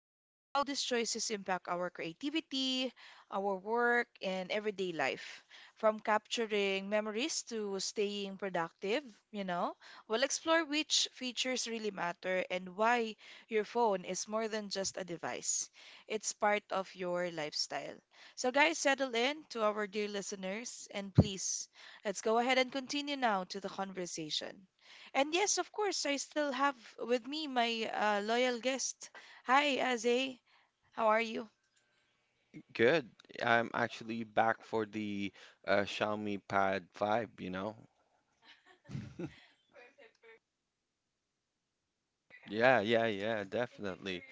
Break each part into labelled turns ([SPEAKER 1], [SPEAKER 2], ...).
[SPEAKER 1] like how these choices impact our creativity, our work, and everyday life. From capturing memories to staying productive, you know, we'll explore which features really matter and why your phone is more than just a device. It's part of your lifestyle. So, guys, settle in to our dear listeners and please, let's go ahead and continue now to the conversation. And yes, of course, I still have with me my loyal guest. Hi, Azay. How are you?
[SPEAKER 2] Actually back for the Xiaomi Pad 5, you know? Yeah, yeah, yeah, definitely.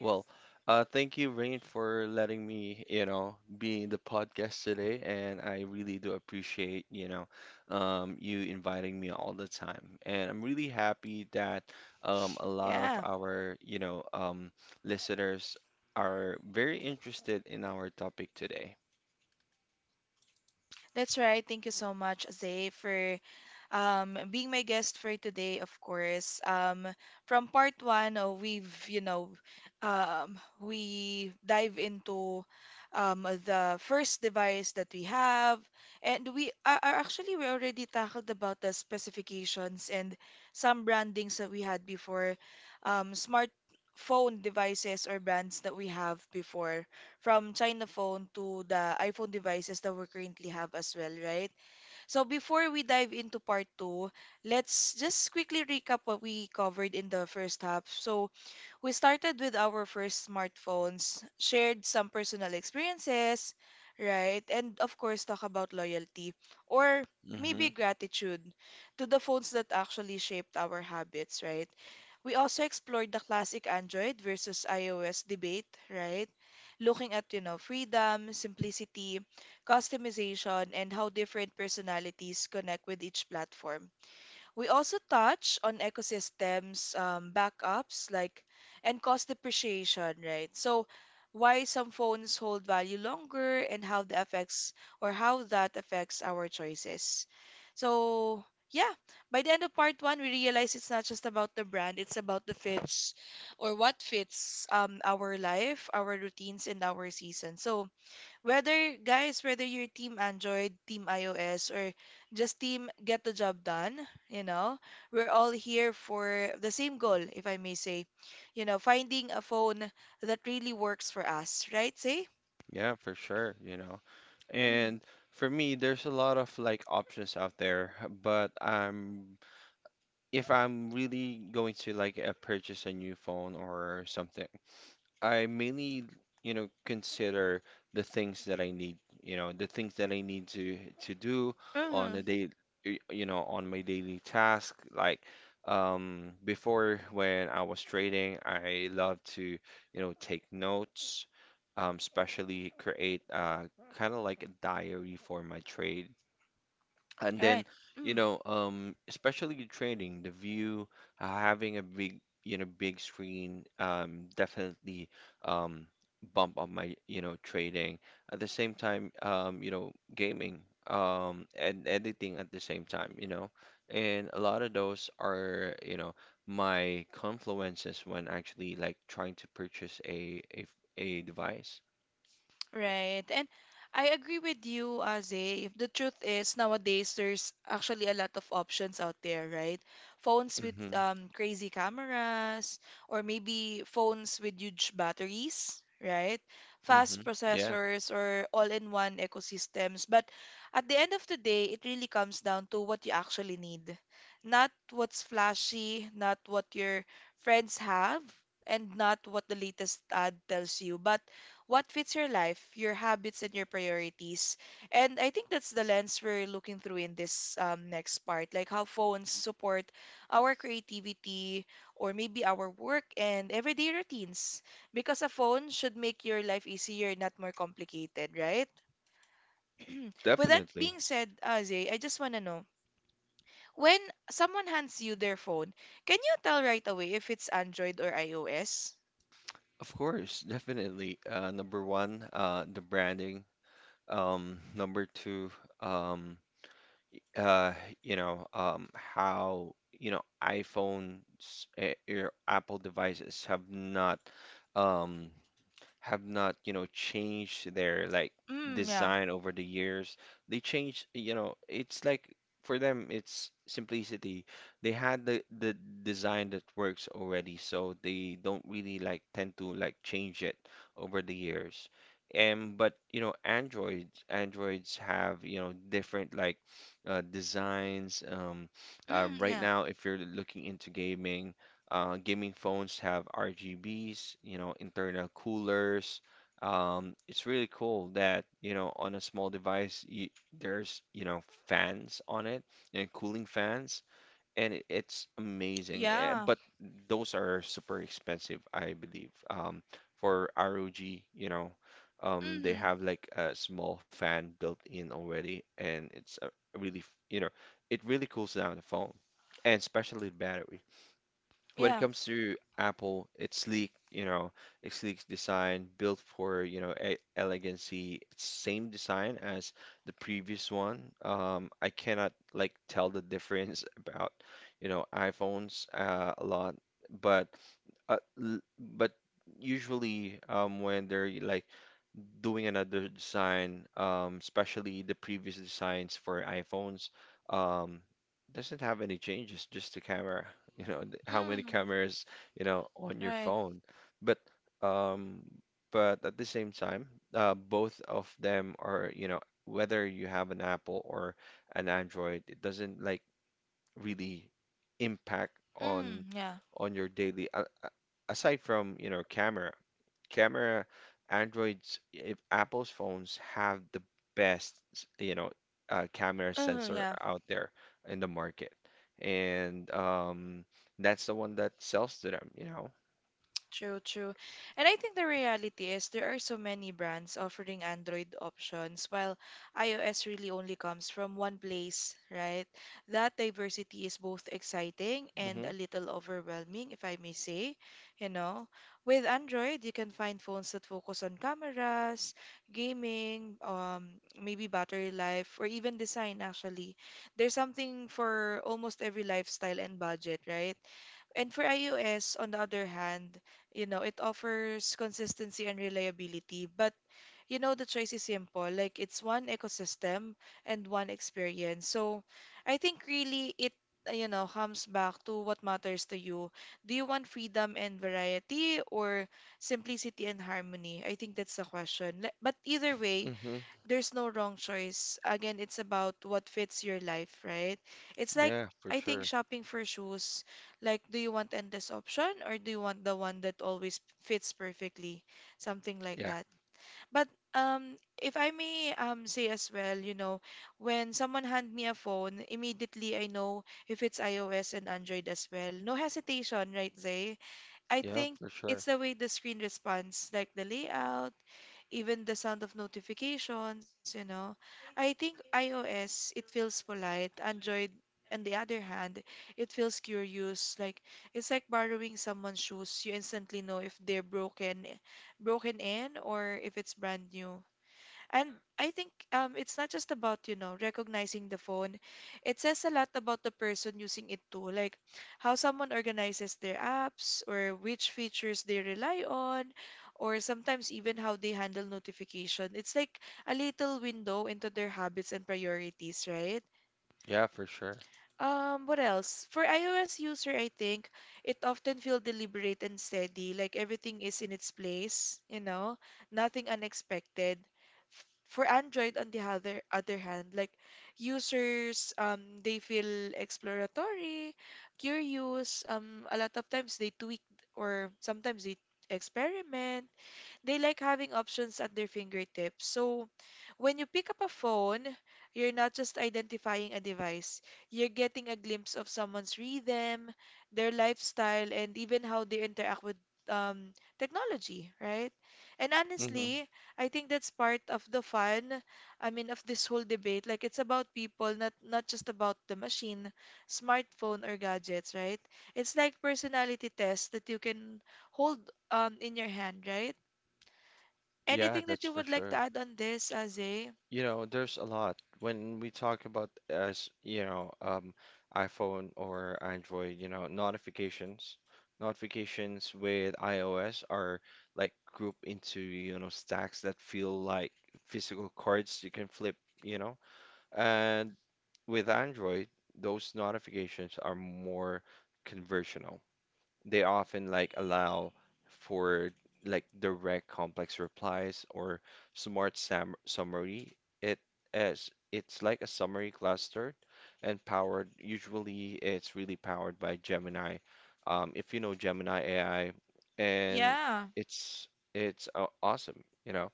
[SPEAKER 2] Well, thank you, Rain, for letting me, you know, be in the podcast today, and I really do appreciate, you inviting me all the time. And I'm really happy that a lot of
[SPEAKER 1] Yeah,
[SPEAKER 2] our, listeners are very interested in our topic today.
[SPEAKER 1] that's right. Thank you so much, Azay, for being my guest for today, of course. From part one, we've, you know, we dive into the first device that we have, and we are actually we already tackled about the specifications and some brandings that we had before, smartphone devices or brands that we have before. From China phone to the iPhone devices that we currently have as well, right? So before we dive into part two, let's just quickly recap what we covered in the first half. So we started with our first smartphones, shared some personal experiences, right? And of course, talk about loyalty or maybe
[SPEAKER 2] Mhm.
[SPEAKER 1] gratitude to the phones that actually shaped our habits, right? We also explored the classic Android versus iOS debate, right? Looking at, you know, freedom, simplicity, customization, and how different personalities connect with each platform. We also touch on ecosystems, backups, like, and cost depreciation, right? So, why some phones hold value longer and how that affects our choices. So, yeah, by the end of part one, we realize it's not just about the brand, it's about the fits or what fits our life, our routines, and our season. So, whether you're team Android, team iOS, or just team get the job done, you know, we're all here for the same goal, if I may say, you know, finding a phone that really works for us, right? Say?
[SPEAKER 2] Yeah, for sure, you know.
[SPEAKER 1] Mm.
[SPEAKER 2] And for me, there's a lot of like options out there, but I'm if I'm really going to like purchase a new phone or something, I mainly, you know, consider the things that I need, you know, the things that I need to do on a
[SPEAKER 1] Mm-hmm.
[SPEAKER 2] day, you know, on my daily task. Like, before when I was trading, I love to, you know, take notes, especially create kind of like a diary for my trade. And
[SPEAKER 1] All right.
[SPEAKER 2] then, especially in training, the view, having a big, you know, big screen, definitely um, bump up my, you know, trading. At the same time, you know, gaming, and editing at the same time, you know. And a lot of those are, you know, my confluences when actually like trying to purchase a device.
[SPEAKER 1] Right. And I agree with you, Aze. If The truth is, nowadays, there's actually a lot of options out there, right? Phones with
[SPEAKER 2] Mm-hmm,
[SPEAKER 1] crazy cameras, or maybe phones with huge batteries, right?
[SPEAKER 2] mm-hmm.
[SPEAKER 1] Fast
[SPEAKER 2] Yeah,
[SPEAKER 1] processors, or all-in-one ecosystems. But at the end of the day, it really comes down to what you actually need. Not what's flashy, not what your friends have, and not what the latest ad tells you, but what fits your life, your habits, and your priorities. And I think that's the lens we're looking through in this next part, like how phones support our creativity or maybe our work and everyday routines. Because a phone should make your life easier, not more complicated, right? With that
[SPEAKER 2] definitely.
[SPEAKER 1] being said, Azay, I just want to know when someone hands you their phone, can you tell right away if it's Android or iOS?
[SPEAKER 2] Of course, definitely. Number one, the branding. Number two, um, uh, how, you know, iPhones or Apple devices um, have not, you know, changed their like
[SPEAKER 1] Mm, yeah.
[SPEAKER 2] design over the years. They changed, you know, it's like for them it's simplicity. They had the design that works already, so they don't really like tend to like change it over the years. And but you know, Androids have, you know, different like designs.
[SPEAKER 1] Mm,
[SPEAKER 2] Right
[SPEAKER 1] yeah.
[SPEAKER 2] now, if you're looking into gaming, gaming phones have RGBs, you know, internal coolers. It's really cool that, you know, on a small device, there's, you know, fans on it and cooling fans, and it's amazing.
[SPEAKER 1] Yeah.
[SPEAKER 2] But those are super expensive, I believe. For ROG, you know, they
[SPEAKER 1] Mm,
[SPEAKER 2] have like a small fan built in already, and it's a really, you know, it really cools down the phone, and especially the battery when it
[SPEAKER 1] yeah.
[SPEAKER 2] comes to Apple, it's sleek, you know, it's sleek design built for, you know, e elegancy. It's same design as the previous one. I cannot like tell the difference about, you know, iPhones a lot, but uh, l- but usually when they're like doing another design, especially the previous designs for iPhones, um, doesn't have any changes, just the camera, you know, how many
[SPEAKER 1] Mm,
[SPEAKER 2] cameras, you know, on your
[SPEAKER 1] right.
[SPEAKER 2] phone. But um, but at the same time, both of them are, you know, whether you have an Apple or an Android, it doesn't like really impact
[SPEAKER 1] Mm, yeah.
[SPEAKER 2] on your daily aside from you know camera androids if apple's phones have the you know camera
[SPEAKER 1] Uh,
[SPEAKER 2] sensor
[SPEAKER 1] yeah.
[SPEAKER 2] out there in the market and that's the one that sells to them, you know.
[SPEAKER 1] True, true. And I think the reality is there are so many brands offering Android options, while iOS really only comes from one place, right? That diversity is both exciting and
[SPEAKER 2] Hmm.
[SPEAKER 1] a little overwhelming, if I may say, you know. With Android, you can find phones that focus on cameras, gaming, maybe battery life, or even design, actually. There's something for almost every lifestyle and budget, right? And for iOS, on the other hand, you know, it offers consistency and reliability, but you know, the choice is simple. Like it's one ecosystem and one experience. So I think really you know, comes back to what matters to you. Do you want freedom and variety or simplicity and harmony? I think that's the question. But either way,
[SPEAKER 2] Hmm.
[SPEAKER 1] there's no wrong choice. Again, it's about what fits your life, right? It's like
[SPEAKER 2] Yeah, for
[SPEAKER 1] I think
[SPEAKER 2] sure.
[SPEAKER 1] shopping for shoes, like do you want endless option or do you want the one that always fits perfectly? Something like
[SPEAKER 2] Yeah,
[SPEAKER 1] that. But um if I may say as well, you know, when someone hand me a phone, immediately I know if it's iOS and Android as well. No hesitation, right, Zay? I
[SPEAKER 2] yeah,
[SPEAKER 1] think
[SPEAKER 2] for sure.
[SPEAKER 1] it's the way the screen responds, like the layout, even the sound of notifications, you know. I think iOS, it feels polite. Android, on the other hand, it feels curious. Like it's like borrowing someone's shoes. You instantly know if broken in or if it's brand new. And I think it's not just about, you know, recognizing the phone. It says a lot about the person using it too, like how someone organizes their apps or which features they rely on, or sometimes even how they handle notification. It's like a little window into their habits and priorities, right?
[SPEAKER 2] Yeah, for sure.
[SPEAKER 1] What else? For iOS user, I think it often feels deliberate and steady, like everything is in its place, you know, nothing unexpected. For Android, on the other hand, like users, they feel exploratory, curious. A lot of times they tweak or sometimes they experiment. They like having options at their fingertips. So when you pick up a phone, you're not just identifying a device, you're getting a glimpse of someone's rhythm, their lifestyle, and even how they interact with um, technology, right? And
[SPEAKER 2] Hmm.
[SPEAKER 1] honestly, I think that's part of the fun. I mean, of this whole debate. Like, it's about people, not just about the machine, smartphone, or gadgets, right? It's like personality tests that you can hold in your hand, right?
[SPEAKER 2] Yeah,
[SPEAKER 1] Anything that
[SPEAKER 2] that's
[SPEAKER 1] you
[SPEAKER 2] for
[SPEAKER 1] would like
[SPEAKER 2] sure.
[SPEAKER 1] to add on this, Aze?
[SPEAKER 2] You know, there's a lot when we talk about, as you know, iPhone or Android, you know, notifications. Notifications with iOS are like grouped into, you know, stacks that feel like physical cards you can flip, you know. And with Android, those notifications are more conversational, they often like allow for like direct complex replies or smart sam summary. It as it's like a summary cluster and powered. Usually, it's really powered by Gemini. If you know Gemini AI, and
[SPEAKER 1] Yeah.
[SPEAKER 2] it's it's awesome, you know.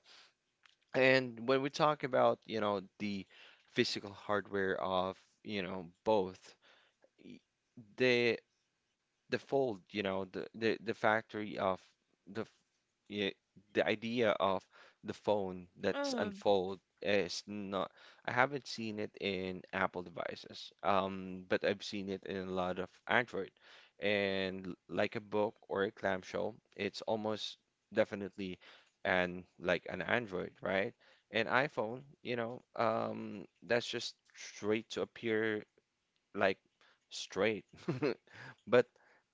[SPEAKER 2] And when we talk about, you know, the physical hardware of, you know, both, they the fold, you know, the factory of the f- yeah, the idea of the phone that's
[SPEAKER 1] Mm.
[SPEAKER 2] unfold is not. I haven't seen it in Apple devices, but I've seen it in a lot of Android. And like a book or a clamshell, it's almost definitely an like an Android, right? An iPhone, you know, that's just straight to appear like straight. But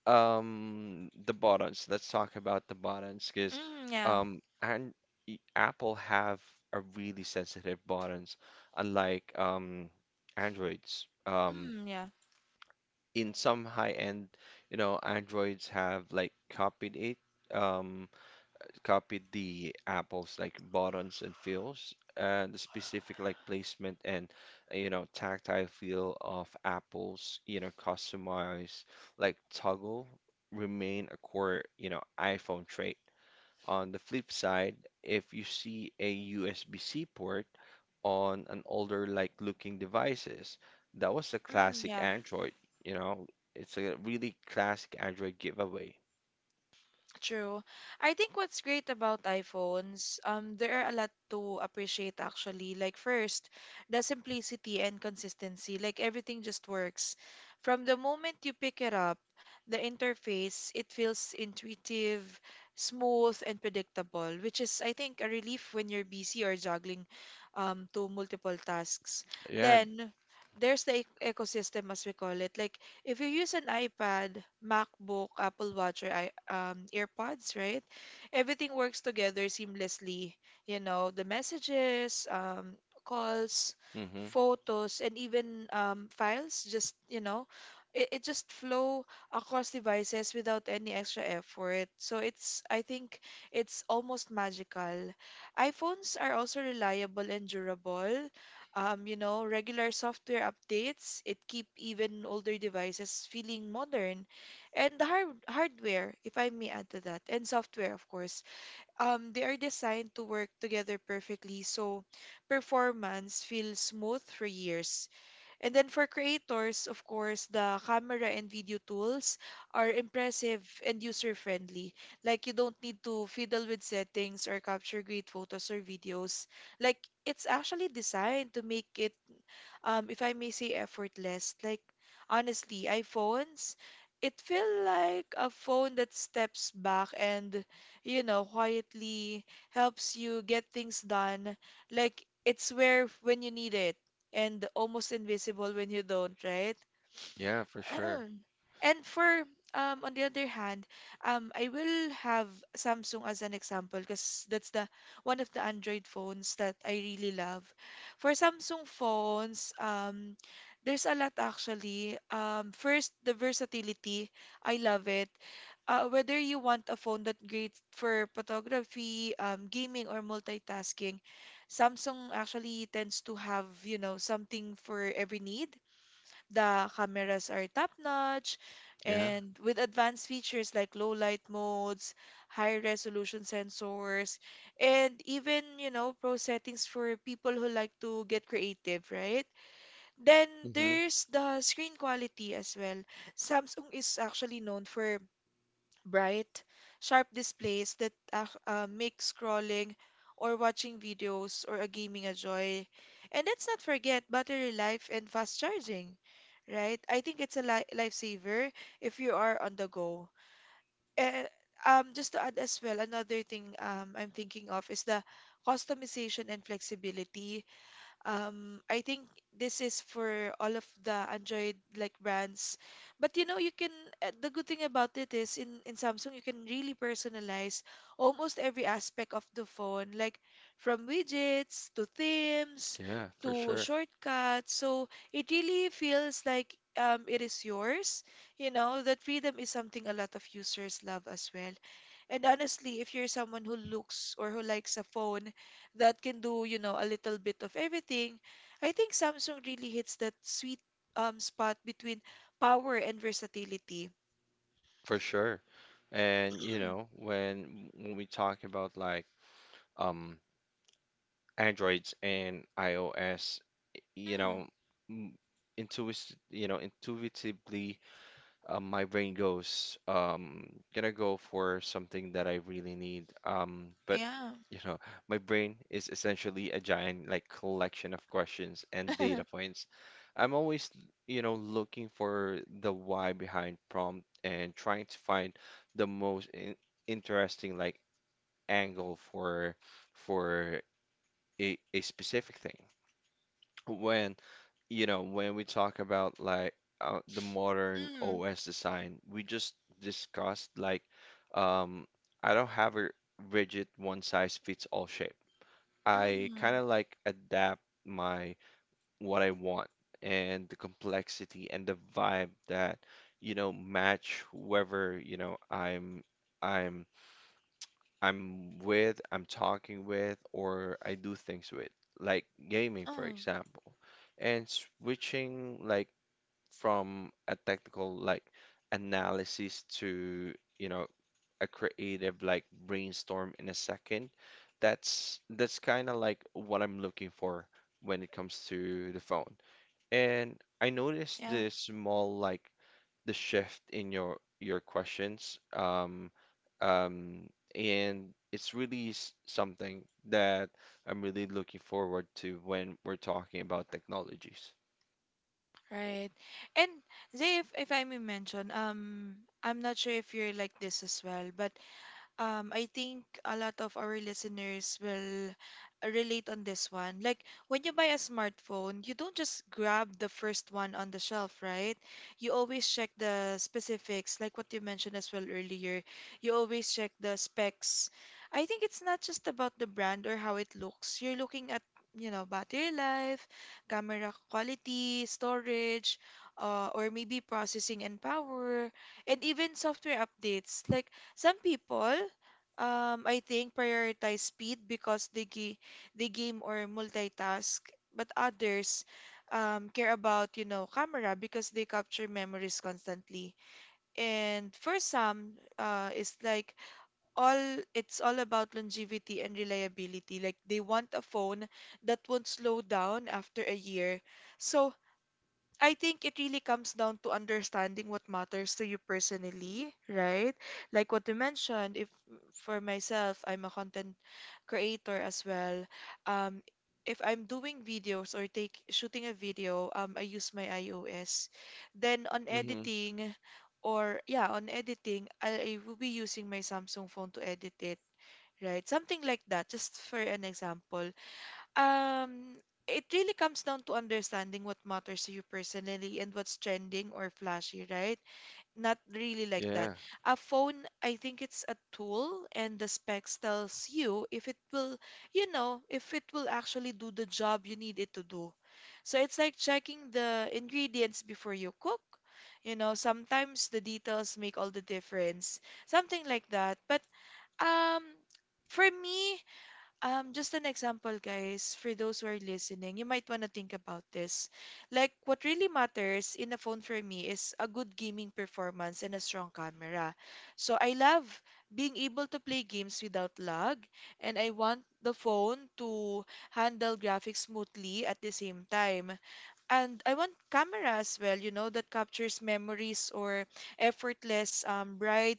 [SPEAKER 2] um, the buttons, let's talk about the buttons because
[SPEAKER 1] Mm, yeah.
[SPEAKER 2] um, and Apple have a really sensitive buttons, unlike Androids.
[SPEAKER 1] Mm, yeah.
[SPEAKER 2] In some high end, you know, Androids have like copied it. Um, Copied the Apple's like buttons and feels and the specific like placement and you know tactile feel of Apple's you know customized like toggle remain a core you know iPhone trait. On the flip side, if you see a USB-C port on an older like looking devices, that was a
[SPEAKER 1] Mm,
[SPEAKER 2] classic
[SPEAKER 1] yeah.
[SPEAKER 2] Android, you know, it's a really classic Android giveaway.
[SPEAKER 1] True. I think what's great about iPhones, there are a lot to appreciate actually. Like first, the simplicity and consistency. Like everything just works. From the moment you pick it up, the interface, it feels intuitive, smooth, and predictable, which is, I think, a relief when you're busy or juggling to multiple tasks.
[SPEAKER 2] Yeah.
[SPEAKER 1] Then there's the ecosystem, as we call it. Like if you use an iPad, MacBook, Apple Watch, or AirPods, right? Everything works together seamlessly. You know, the messages, calls,
[SPEAKER 2] Mm-hmm.
[SPEAKER 1] photos, and even files just, you know, it just flow across devices without any extra effort. So it's, I think, it's almost magical. iPhones are also reliable and durable. You know, regular software updates, it keep even older devices feeling modern. And the hardware, if I may add to that, and software, of course, they are designed to work together perfectly, so performance feels smooth for years. And then for creators, of course, the camera and video tools are impressive and user-friendly. Like you don't need to fiddle with settings or capture great photos or videos. Like it's actually designed to make it if I may say effortless. Like honestly, iPhones, it feel like a phone that steps back and you know quietly helps you get things done. Like it's where when you need it and almost invisible when you don't, right?
[SPEAKER 2] Yeah, for sure.
[SPEAKER 1] And for on the other hand, I will have Samsung as an example because that's the one of the Android phones that I really love. For Samsung phones, there's a lot actually. Um, first the versatility, I love it. Whether you want a phone that great for photography, gaming or multitasking, Samsung actually tends to have, you know, something for every need. The cameras are top-notch
[SPEAKER 2] Yeah.
[SPEAKER 1] and with advanced features like low light modes, high resolution sensors, and even, you know, pro settings for people who like to get creative, right? Then
[SPEAKER 2] Hmm.
[SPEAKER 1] there's the screen quality as well. Samsung is actually known for bright, sharp displays that make scrolling or watching videos or a gaming a joy. And let's not forget battery life and fast charging, right? I think it's a li lifesaver if you are on the go. And just to add as well, another thing I'm thinking of is the customization and flexibility. I think this is for all of the Android like brands. But you know, you can the good thing about it is in Samsung you can really personalize almost every aspect of the phone, like from widgets to themes
[SPEAKER 2] Yeah, for
[SPEAKER 1] to
[SPEAKER 2] sure.
[SPEAKER 1] shortcuts. So it really feels like it is yours. You know, that freedom is something a lot of users love as well. And honestly, if you're someone who looks or who likes a phone that can do, you know, a little bit of everything, I think Samsung really hits that sweet spot between power and versatility.
[SPEAKER 2] For sure. And you know, when we talk about like um Androids and iOS, you
[SPEAKER 1] Mm, Mm,
[SPEAKER 2] know, m- intuit you know, intuitively my brain goes, gonna go for something that I really need. But
[SPEAKER 1] yeah.
[SPEAKER 2] you know, my brain is essentially a giant like collection of questions and data points. I'm always, you know, looking for the why behind prompt and trying to find the most in interesting like angle for a specific thing when you know when we talk about like the modern
[SPEAKER 1] Mm,
[SPEAKER 2] OS design, we just discussed like um, I don't have a rigid one size fits all shape. I
[SPEAKER 1] mm,
[SPEAKER 2] kind of like adapt my what I want and the complexity and the vibe that you know match whoever you know I'm I'm with, I'm talking with, or I do things with, like gaming, for
[SPEAKER 1] mm,
[SPEAKER 2] example. And switching like from a technical like analysis to, you know, a creative like brainstorm in a second, that's kind of like what I'm looking for when it comes to the phone. And I noticed
[SPEAKER 1] yeah.
[SPEAKER 2] this small like the shift in your questions. Um, and it's really something that I'm really looking forward to when we're talking about technologies.
[SPEAKER 1] Right. And Zay, if I may mention, I'm not sure if you're like this as well, but I think a lot of our listeners will relate on this one. Like when you buy a smartphone, you don't just grab the first one on the shelf, right? You always check the specifics, like what you mentioned as well earlier. You always check the specs. I think it's not just about the brand or how it looks. You're looking at, you know, battery life, camera quality, storage, or maybe processing and power, and even software updates. Like some people, I think prioritize speed because they game or multitask, but others care about, you know, camera because they capture memories constantly. And for some, it's like all it's all about longevity and reliability. Like they want a phone that won't slow down after a year. So I think it really comes down to understanding what matters to you personally, right? Like what you mentioned, if for myself, I'm a content creator as well. Um, if I'm doing videos or take shooting a video, I use my iOS. Then on
[SPEAKER 2] Mm-hmm.
[SPEAKER 1] editing, or yeah, on editing, I will be using my Samsung phone to edit it, right? Something like that, just for an example. Um, it really comes down to understanding what matters to you personally and what's trending or flashy, right? Not really like that.
[SPEAKER 2] Yeah,
[SPEAKER 1] A phone, I think it's a tool, and the specs tells you if it will, you know, if it will actually do the job you need it to do. So it's like checking the ingredients before you cook. You know, sometimes the details make all the difference, something like that. But um, for me, just an example, guys, for those who are listening, you might want to think about this. Like, what really matters in a phone for me is a good gaming performance and a strong camera. So, I love being able to play games without lag, and I want the phone to handle graphics smoothly at the same time. And I want camera as well, you know, that captures memories or effortless, bright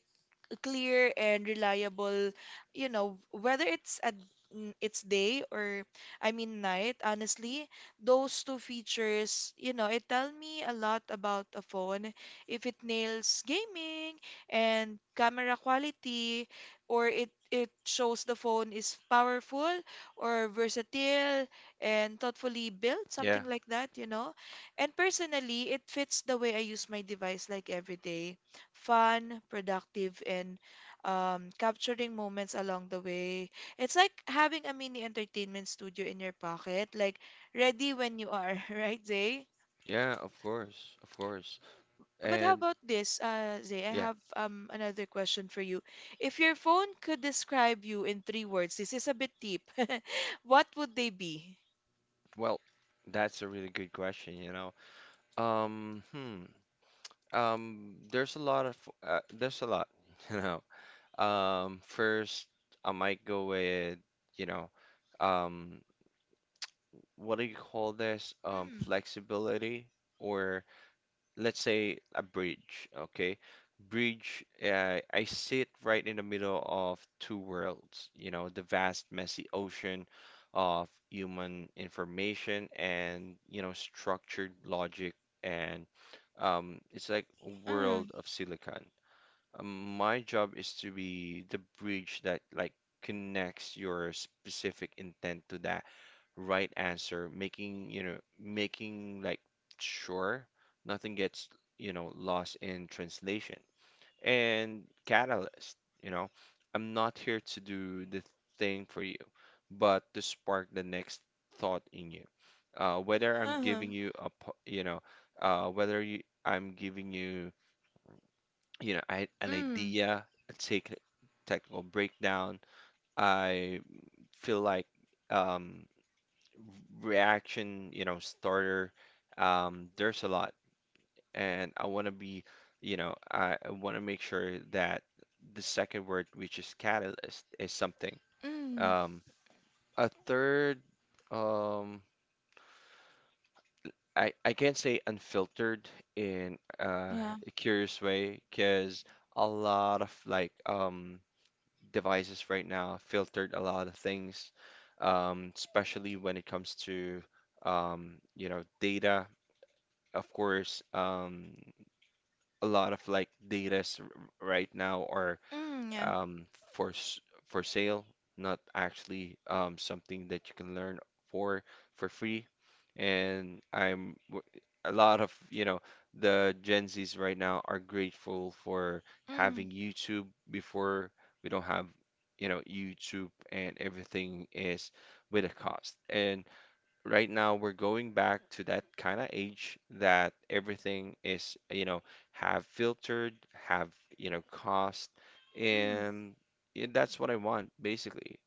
[SPEAKER 1] clear and reliable, you know, whether it's at it's day or I mean night, honestly, those two features, you know, it tell me a lot about a phone if it nails gaming and camera quality or it shows the phone is powerful or versatile and thoughtfully built,
[SPEAKER 2] yeah,
[SPEAKER 1] something like that, you know. And personally, it fits the way I use my device like every day fun, productive, and capturing moments along the way. It's like having a mini entertainment studio in your pocket, like ready when you are, right, Zay?
[SPEAKER 2] yeah, of course, of course.
[SPEAKER 1] But how
[SPEAKER 2] And
[SPEAKER 1] about this, Zay? I
[SPEAKER 2] yeah,
[SPEAKER 1] have another question for you. If your phone could describe you in three words, this is a bit deep. What would they be?
[SPEAKER 2] well, that's a really good question, you know. Hmm. There's a lot of there's a lot, you know. First, I might go with, you know, um, what do you call this?
[SPEAKER 1] Mm,
[SPEAKER 2] Flexibility, or let's say a bridge, okay? Bridge, I sit right in the middle of two worlds, you know, the vast, messy ocean of human information and, you know, structured logic. And it's like a
[SPEAKER 1] mm,
[SPEAKER 2] world of silicon. My job is to be the bridge that like connects your specific intent to that right answer, making, you know, making like sure nothing gets, you know, lost in translation. And catalyst, you know, I'm not here to do the thing for you, but to spark the next thought in you. Whether I'm
[SPEAKER 1] uh-huh,
[SPEAKER 2] giving you a, you know, I'm giving you you know, I had an
[SPEAKER 1] mm,
[SPEAKER 2] idea, a technical breakdown. I feel like um, reaction, you know, starter. There's a lot, and I want to be, you know, I want to make sure that the second word, which is catalyst, is something.
[SPEAKER 1] mm,
[SPEAKER 2] Um, a third, um, I can't say unfiltered in
[SPEAKER 1] yeah,
[SPEAKER 2] a curious way because a lot of like devices right now filtered a lot of things, especially when it comes to you know, data. Of course, a lot of like data right now are
[SPEAKER 1] mm, yeah,
[SPEAKER 2] um, for s- for sale, not actually something that you can learn for for free. And I'm w- a lot of, you know, the Gen Zs right now are grateful for
[SPEAKER 1] mm,
[SPEAKER 2] having YouTube before we don't have, you know, YouTube and everything is with a cost. And right now we're going back to that kind of age that everything is, you know, have filtered, have, you know, cost,
[SPEAKER 1] mm,
[SPEAKER 2] and yeah, that's what I want basically.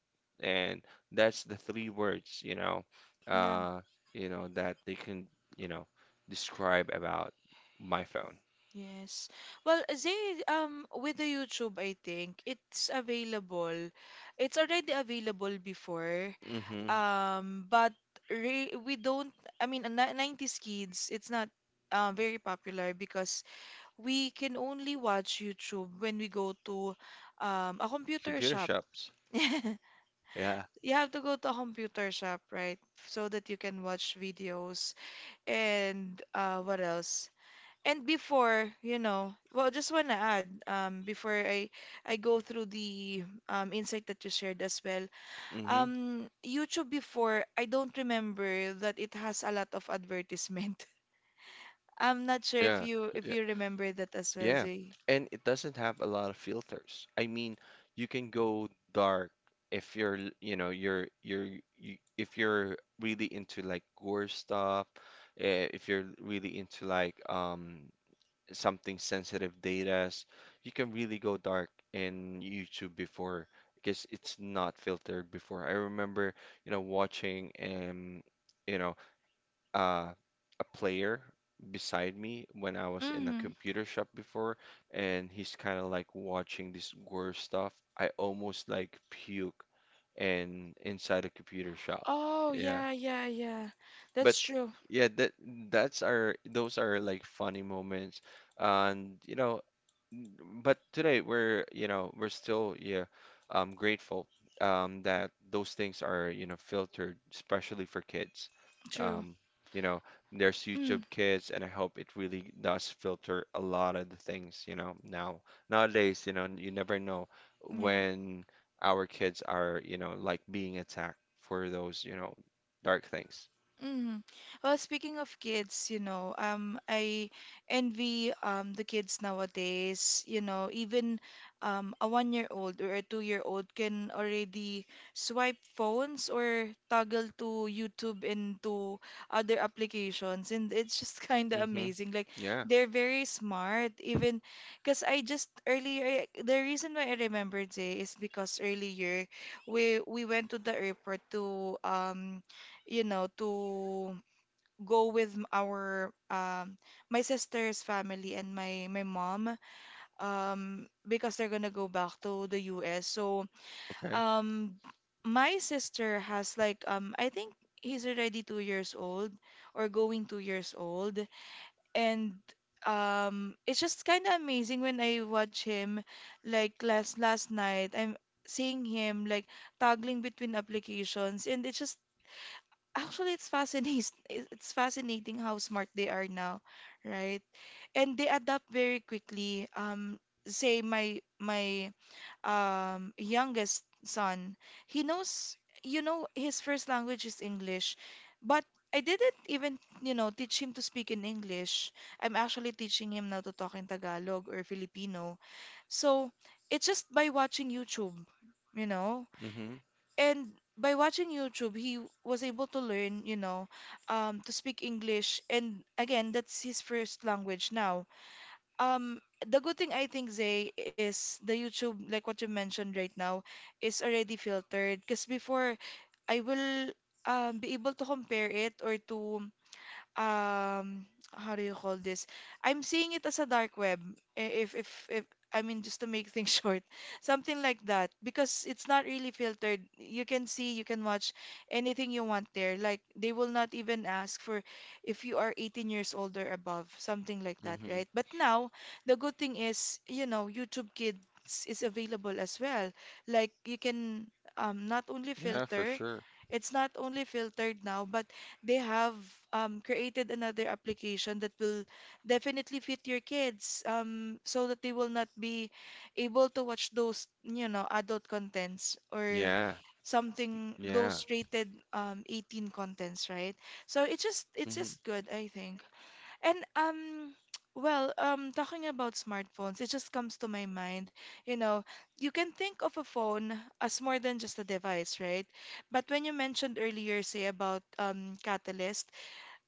[SPEAKER 2] And that's the three words,
[SPEAKER 1] yeah.
[SPEAKER 2] uh, you know, that they can, you know, describe about my phone.
[SPEAKER 1] Yes. Well, they with the YouTube, I think it's available. It's already available before.
[SPEAKER 2] Hmm.
[SPEAKER 1] But re we don't. I mean, 90s kids, it's not very popular because we can only watch YouTube when we go to a computer
[SPEAKER 2] Computer
[SPEAKER 1] shop.
[SPEAKER 2] shops. Yeah.
[SPEAKER 1] You have to go to a computer shop, right? So that you can watch videos and what else? And before, you know, well, just want to add, before I go through the insight that you shared as well.
[SPEAKER 2] Hmm.
[SPEAKER 1] YouTube before, I don't remember that it has a lot of advertisement. I'm not sure if
[SPEAKER 2] Yeah.
[SPEAKER 1] you if you remember that as well,
[SPEAKER 2] Yeah,
[SPEAKER 1] Zay.
[SPEAKER 2] and it doesn't have a lot of filters. I mean, you can go dark if you're, you know, if you're really into like gore stuff, if you're really into like something sensitive data, you can really go dark in YouTube before because it's not filtered before. I remember, you know, watching you know, uh, a player beside me when I was in a
[SPEAKER 1] Mm-hmm.
[SPEAKER 2] computer shop before, and he's kind of like watching this gore stuff. I almost like puke and inside a computer shop.
[SPEAKER 1] Oh
[SPEAKER 2] Yeah.
[SPEAKER 1] yeah, yeah, yeah.
[SPEAKER 2] But
[SPEAKER 1] That's true,
[SPEAKER 2] Yeah, that's our those are like funny moments. And but today we're we're still, yeah, grateful that those things are filtered, especially for kids.
[SPEAKER 1] true.
[SPEAKER 2] um you know there's YouTube
[SPEAKER 1] Mm,
[SPEAKER 2] Kids, and I hope it really does filter a lot of the things. Now, nowadays, you never know
[SPEAKER 1] yeah.
[SPEAKER 2] when our kids are like being attacked for those, dark things.
[SPEAKER 1] Hmm. Well, speaking of kids, you know, I envy the kids nowadays. You know, even a one-year-old or a two-year-old can already swipe phones or toggle to YouTube and to other applications, and it's just kind of
[SPEAKER 2] Mm-hmm.
[SPEAKER 1] amazing. Like
[SPEAKER 2] Yeah.
[SPEAKER 1] they're very smart. Even because I just earlier, the reason why I remembered Jay is because earlier we went to the airport to you know, to go with our my sister's family and my mom, because they're gonna go back to the US. So
[SPEAKER 2] Okay.
[SPEAKER 1] um my sister has like, I think he's already 2 years old or going 2 years old, and it's just kind of amazing when I watch him. Like last night I'm seeing him like toggling between applications, and it's just actually it's fascinating. It's fascinating how smart they are now, right? And they adapt very quickly. Say, my youngest son, he knows, you know, his first language is English, but I didn't even, you know, teach him to speak in English. I'm actually teaching him now to talk in Tagalog or Filipino. So it's just by watching YouTube, you know,
[SPEAKER 2] Mm-hmm.
[SPEAKER 1] and by watching YouTube, he was able to learn, you know, to speak English. And again, that's his first language now. Um, the good thing I think, Zay, is the YouTube, like what you mentioned right now, is already filtered. Because before, I will be able to compare it, or to, um how do you call this? I'm seeing it as a dark web. If I mean, just to make things short, something like that, because it's not really filtered. You can see, you can watch anything you want there. Like they will not even ask for if you are 18 years old or above, something like that,
[SPEAKER 2] Mm-hmm.
[SPEAKER 1] right? But now the good thing is, you know, YouTube Kids is available as well. Like you can, not only
[SPEAKER 2] Yeah, for
[SPEAKER 1] filter,
[SPEAKER 2] sure.
[SPEAKER 1] it's not only filtered now, but they have created another application that will definitely fit your kids, so that they will not be able to watch those, you know, adult contents, or
[SPEAKER 2] Yeah.
[SPEAKER 1] something,
[SPEAKER 2] Yeah.
[SPEAKER 1] those rated, 18 contents, right? So it's just
[SPEAKER 2] Hmm.
[SPEAKER 1] it's just good, I think. And well, talking about smartphones, it just comes to my mind, you know, you can think of a phone as more than just a device, right? But when you mentioned earlier, say about, Catalyst,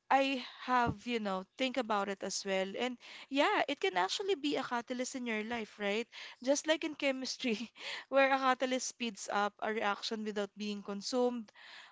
[SPEAKER 1] I have, you know, think about it as well. And yeah, it can actually be a catalyst in your life, right? Just like in chemistry, where a catalyst speeds up a reaction without being consumed,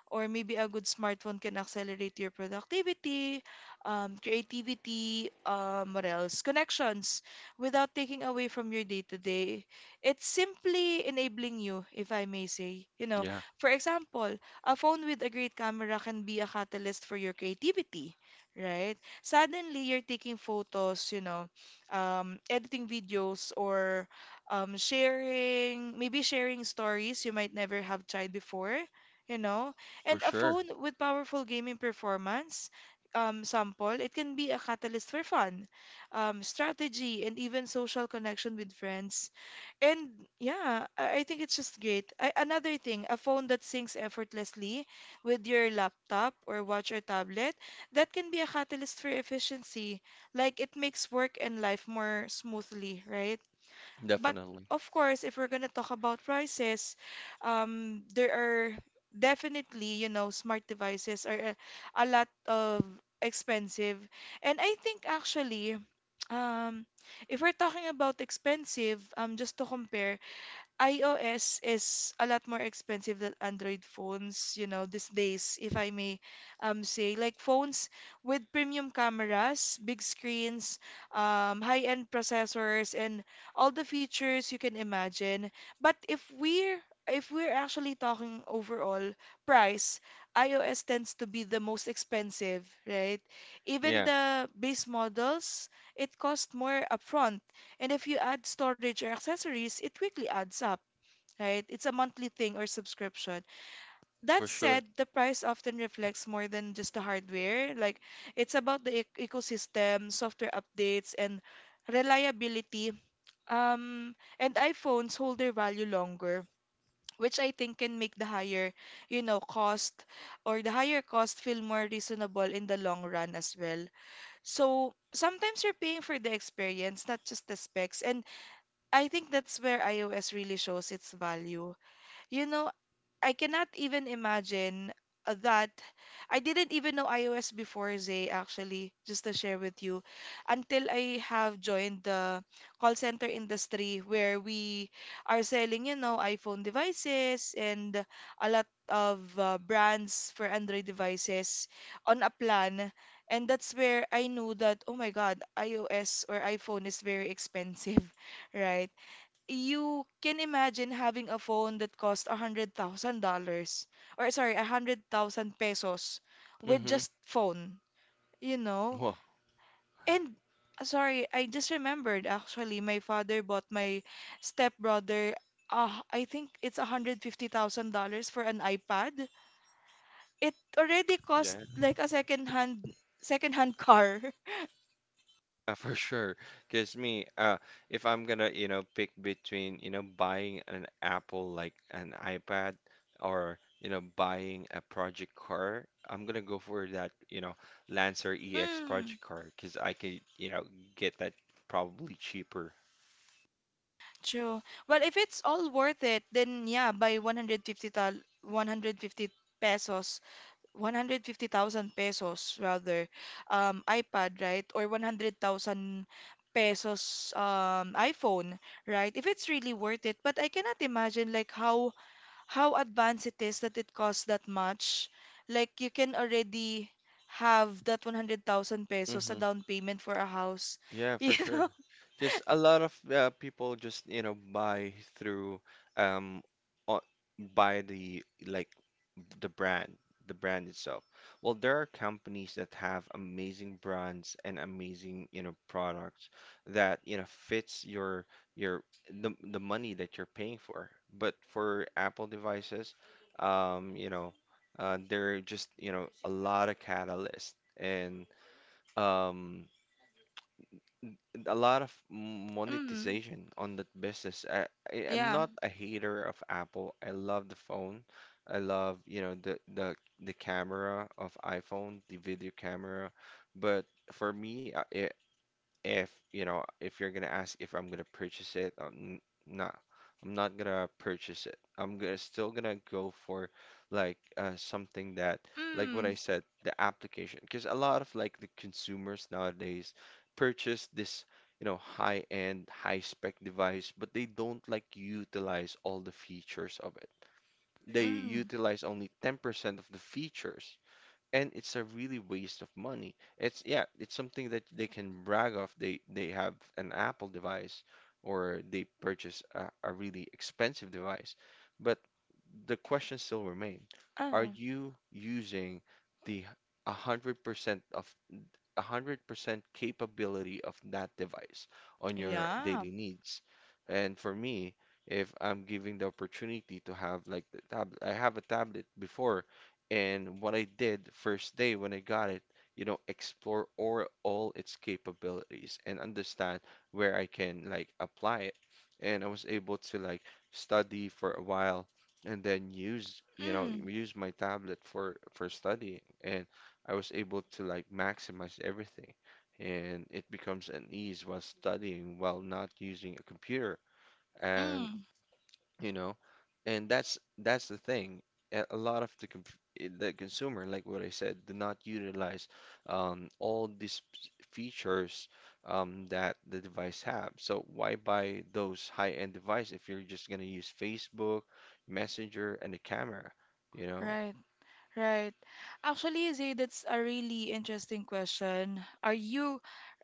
[SPEAKER 1] or maybe a good smartphone can accelerate your productivity, creativity, what else? Connections without taking away from your day-to-day. It's simply enabling you, if I may say. You know,
[SPEAKER 2] Yeah.
[SPEAKER 1] for example, a phone with a great camera can be a catalyst for your creativity, right? Suddenly, you're taking photos, you know, editing videos, or sharing, maybe sharing stories you might never have tried before, you know?
[SPEAKER 2] For
[SPEAKER 1] And a
[SPEAKER 2] sure.
[SPEAKER 1] phone with powerful gaming performance. Sample, it can be a catalyst for fun, strategy, and even social connection with friends. And yeah, I think it's just great. Another thing, a phone that syncs effortlessly with your laptop or watch or tablet, that can be a catalyst for efficiency. Like it makes work and life more smoothly, right? But
[SPEAKER 2] Definitely.
[SPEAKER 1] of course, if we're gonna talk about prices, there are definitely, you know, smart devices are a lot of expensive. And I think actually, um, if we're talking about expensive, just to compare, iOS is a lot more expensive than Android phones, you know, these days, if I may say. Like phones with premium cameras, big screens, high-end processors, and all the features you can imagine. But if we're actually talking overall price, iOS tends to be the most expensive, right? Even
[SPEAKER 2] Yeah.
[SPEAKER 1] the base models, it costs more upfront. And if you add storage or accessories, it quickly adds up, right? It's a monthly thing or subscription. That
[SPEAKER 2] For sure.
[SPEAKER 1] said, the price often reflects more than just the hardware. Like it's about the ecosystem, software updates, and reliability. And iPhones hold their value longer, which I think can make the higher cost or the higher cost feel more reasonable in the long run as well. So sometimes you're paying for the experience, not just the specs. And I think that's where iOS really shows its value. You know, I cannot even imagine, that. I didn't even know iOS before, Zay, actually, just to share with you, until I have joined the call center industry where we are selling, you know, iPhone devices and a lot of brands for Android devices on a plan. And that's where I knew that, oh my God, iOS or iPhone is very expensive, right? You can imagine having a phone that cost $100,000, or sorry, 100,000 pesos, with
[SPEAKER 2] Hmm.
[SPEAKER 1] just phone, you know?
[SPEAKER 2] Well,
[SPEAKER 1] And Sorry, I just remembered actually my father bought my stepbrother I think it's $150,000 for an iPad. It already
[SPEAKER 2] yeah.
[SPEAKER 1] cost like a second hand car.
[SPEAKER 2] For sure. Because me, if I'm gonna, pick between, buying an Apple, like an iPad, or, buying a project car, I'm gonna go for that, Lancer EX
[SPEAKER 1] Mm.
[SPEAKER 2] project car, because I could, get that probably cheaper.
[SPEAKER 1] True. Well, if it's all worth it, then yeah, buy 150 pesos, 150,000 pesos rather, iPad, right? Or 100,000 pesos iPhone, right? If it's really worth it. But I cannot imagine like how advanced it is that it costs that much. Like you can already have that 100,000 pesos a
[SPEAKER 2] Hmm.
[SPEAKER 1] down payment for a house,
[SPEAKER 2] Yeah, for
[SPEAKER 1] you
[SPEAKER 2] sure.
[SPEAKER 1] know?
[SPEAKER 2] Because a lot of people just, um o- buy the, like, the brand, the brand itself. Well, there are companies that have amazing brands and amazing, products that, fits your your the money that you're paying for. But for Apple devices, um, you know, there are just, a lot of catalysts, and um a lot of
[SPEAKER 1] Mm,
[SPEAKER 2] monetization on that business. I'm
[SPEAKER 1] yeah.
[SPEAKER 2] not a hater of Apple. I love the phone. I love, the camera of iPhone, the video camera. But for me, if if you're gonna ask if I'm gonna purchase it, nah, I'm not gonna purchase it. I'm gonna still gonna go for, like, something that, like what I
[SPEAKER 1] Mm.
[SPEAKER 2] said, the application, because a lot of, like, the consumers nowadays purchase this, high-end, high-spec device, but they don't, like, utilize all the features of it. They
[SPEAKER 1] Mm.
[SPEAKER 2] utilize only 10% of the features, and it's a really waste of money. It's, yeah, it's something that they can brag of. They have an Apple device, or they purchase a really expensive device. But the question still remain, are
[SPEAKER 1] Oh,
[SPEAKER 2] you using the 100% of 100% capability of that device on your
[SPEAKER 1] yeah.
[SPEAKER 2] daily needs? And for me, if I'm giving the opportunity to have, like, the tablet, I have a tablet before, and what I did first day when I got it, explore or all its capabilities and understand where I can, like, apply it. And I was able to, like, study for a while, and then use,
[SPEAKER 1] Mm.
[SPEAKER 2] use my tablet for studying. And I was able to, like, maximize everything, and it becomes an ease while studying, while not using a computer. And
[SPEAKER 1] Mm.
[SPEAKER 2] you know, and that's the thing. A lot of the com the consumer, like what I said, do not utilize all these features, that the device have. So why buy those high-end device if you're just gonna use Facebook, Messenger, and the camera? You know,
[SPEAKER 1] Right. Right. Actually, Zay, that's a really interesting question. Are you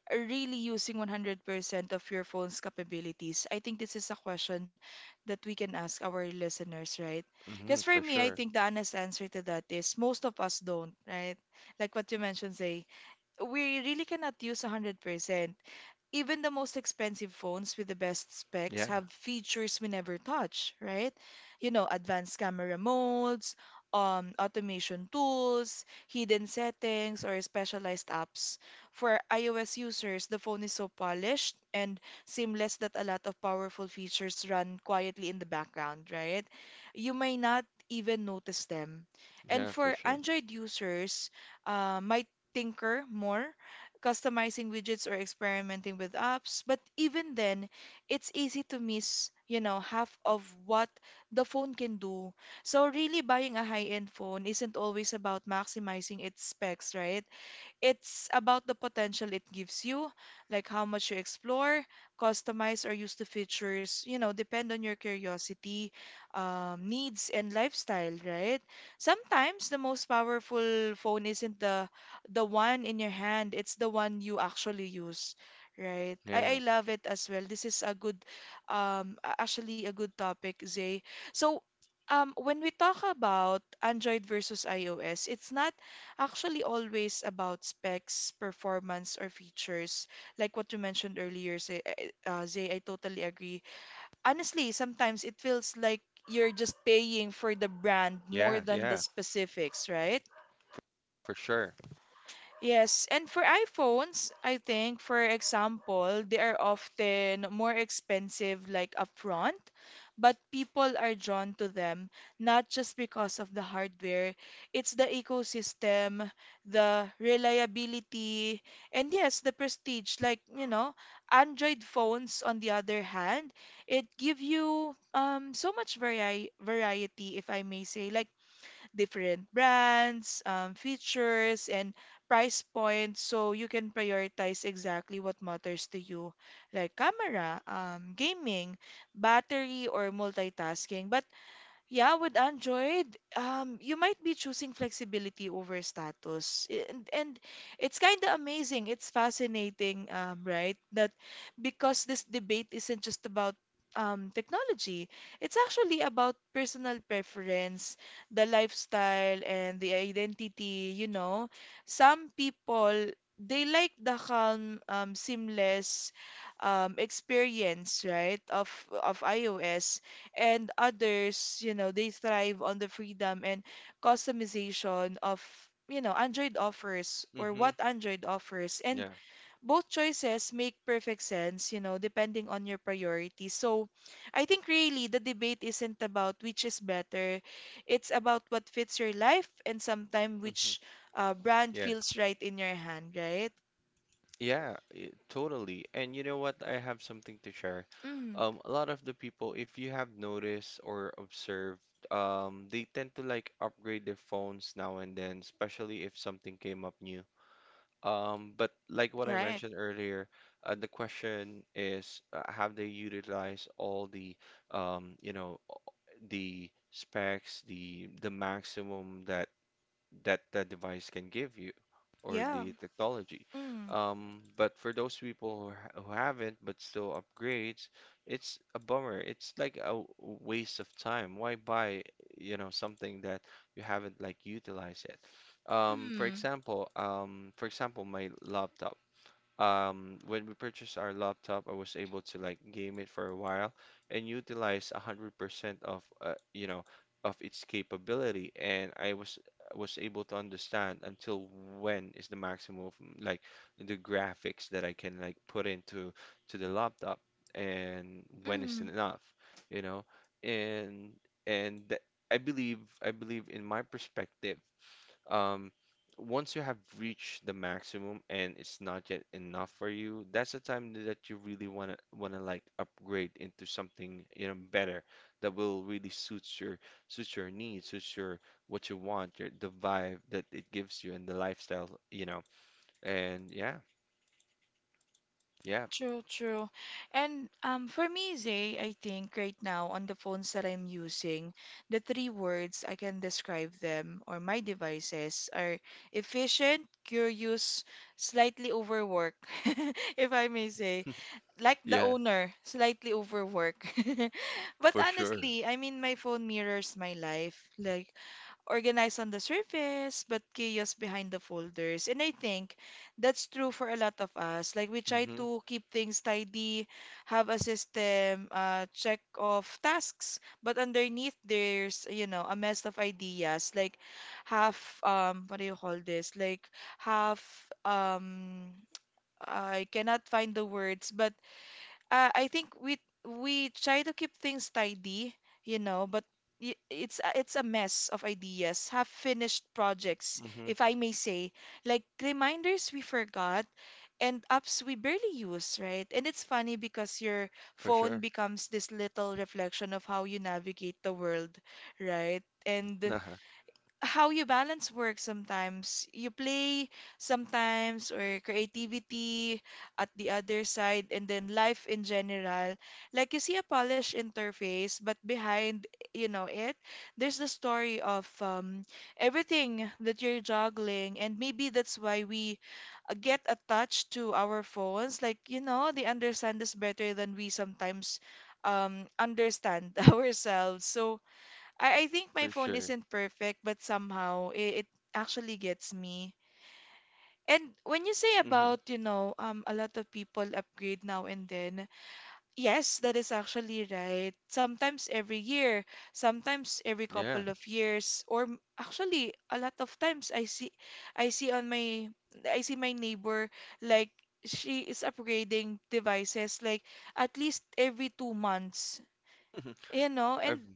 [SPEAKER 1] really using 100% of your phone's capabilities? I think this is a question that we can ask our listeners, right? Because
[SPEAKER 2] hmm.
[SPEAKER 1] for
[SPEAKER 2] For
[SPEAKER 1] me, I
[SPEAKER 2] sure.
[SPEAKER 1] think the honest answer to that is most of us don't, right? Like what you mentioned, Zay, we really cannot use 100%. Even the most expensive phones with the best specs
[SPEAKER 2] Yeah,
[SPEAKER 1] have features we never touch, right? You know, advanced camera modes, automation tools, hidden settings, or specialized apps. For iOS users, the phone is so polished and seamless that a lot of powerful features run quietly in the background, right? You may not even notice them. And
[SPEAKER 2] yeah, for
[SPEAKER 1] for
[SPEAKER 2] sure.
[SPEAKER 1] Android users, might tinker more customizing widgets or experimenting with apps. But even then, it's easy to miss, you know, half of what the phone can do. So really buying a high-end phone isn't always about maximizing its specs, right? It's about the potential it gives you, like how much you explore, customize, or use the features, you know, depend on your curiosity, needs, and lifestyle, right? Sometimes the most powerful phone isn't the one in your hand, it's the one you actually use. Right. I
[SPEAKER 2] Yeah.
[SPEAKER 1] love it as well. This is a good, actually a good topic, Zay. So, when we talk about Android versus iOS, it's not actually always about specs, performance, or features. Like what you mentioned earlier, say, Zay, I totally agree. Honestly, sometimes it feels like you're just paying for the brand more
[SPEAKER 2] Yeah.
[SPEAKER 1] than the
[SPEAKER 2] Yeah.
[SPEAKER 1] specifics, right?
[SPEAKER 2] For sure.
[SPEAKER 1] Yes, and for iPhones, I think, for example, they are often more expensive, like upfront, but people are drawn to them not just because of the hardware, it's the ecosystem, the reliability, and yes, the prestige. Like, you know, Android phones, on the other hand, it give you so much variety, if I may say. Like, different brands, features, and price points so you can prioritize exactly what matters to you, like camera, gaming, battery, or multitasking. But yeah, with Android, you might be choosing flexibility over status. And it's kind of amazing. It's fascinating, right? That because this debate isn't just about technology, it's actually about personal preference, the lifestyle, and the identity, you know. Some people, they like the calm, seamless experience, right, of, iOS and others, you know, they thrive on the freedom and customization of, you know, Android offers or
[SPEAKER 2] Mm-hmm.
[SPEAKER 1] what Android offers. And
[SPEAKER 2] Yeah.
[SPEAKER 1] both choices make perfect sense, you know, depending on your priorities. So I think really the debate isn't about which is better. It's about what fits your life and sometimes which
[SPEAKER 2] Mm-hmm.
[SPEAKER 1] brand
[SPEAKER 2] Yeah.
[SPEAKER 1] feels right in your hand, right?
[SPEAKER 2] Yeah, totally. And you know what? I have something to share.
[SPEAKER 1] Mm,
[SPEAKER 2] A lot of the people, if you have noticed or observed, they tend to, like, upgrade their phones now and then, especially if something came up new. But like what I
[SPEAKER 1] right.
[SPEAKER 2] mentioned earlier, the question is, have they utilized all the, um, you know, the specs, the maximum that device can give you, or
[SPEAKER 1] Yeah.
[SPEAKER 2] the technology.
[SPEAKER 1] Mm,
[SPEAKER 2] But for those people who who haven't but still upgrades, it's a bummer. It's like a waste of time. Why buy, something that you haven't, like, utilized yet?
[SPEAKER 1] mm,
[SPEAKER 2] For example, my laptop. When we purchased our laptop, I was able to, like, game it for a while and utilize 100% of its capability, and I was able to understand until when is the maximum of, like, the graphics that I can, like, put into to the laptop, and when is
[SPEAKER 1] mm.
[SPEAKER 2] enough, you know, and and th- I believe in my perspective. um, Once you have reached the maximum and it's not yet enough for you, that's the time that you really wanna, like, upgrade into something, better, that will really suit your needs, suit your what you want, your the vibe that it gives you and the lifestyle. And yeah, yeah.
[SPEAKER 1] True, true. And for me, Zay, I think right now on the phones that I'm using, the three words I can describe them or my devices are efficient, curious, slightly overwork, if I may say. Like the
[SPEAKER 2] Yeah,
[SPEAKER 1] owner, slightly overwork. But
[SPEAKER 2] for sure.
[SPEAKER 1] honestly, I mean, my phone mirrors my life. Like, organized on the surface, but chaos behind the folders. And I think that's true for a lot of us. Like we try
[SPEAKER 2] Hmm.
[SPEAKER 1] to keep things tidy, have a system, check off tasks, but underneath there's, you know, a mess of ideas. Like half, what do you call this? Like half, I cannot find the words, but I think we try to keep things tidy, you know, but it's a mess of ideas, half finished projects,
[SPEAKER 2] Hmm.
[SPEAKER 1] if I may say, like reminders we forgot and apps we barely use, right? And it's funny because your
[SPEAKER 2] For
[SPEAKER 1] phone
[SPEAKER 2] sure.
[SPEAKER 1] becomes this little reflection of how you navigate the world, right? And
[SPEAKER 2] Nah.
[SPEAKER 1] how you balance work sometimes. You play sometimes or creativity at the other side and then life in general. Like you see a polished interface, but behind, you know, it, there's the story of everything that you're juggling. And maybe that's why we get attached to our phones. Like, you know, they understand us better than we sometimes understand ourselves. So, I think my
[SPEAKER 2] For
[SPEAKER 1] phone
[SPEAKER 2] sure.
[SPEAKER 1] isn't perfect, but somehow it actually gets me. And when you say
[SPEAKER 2] Hmm.
[SPEAKER 1] about, you know, a lot of people upgrade now and then, yes, that is actually right. Sometimes every year, sometimes every
[SPEAKER 2] Yeah.
[SPEAKER 1] couple of years, or actually a lot of times I see on my, I see my neighbor like she is upgrading devices like at least every 2 months, you know,
[SPEAKER 2] I've,
[SPEAKER 1] and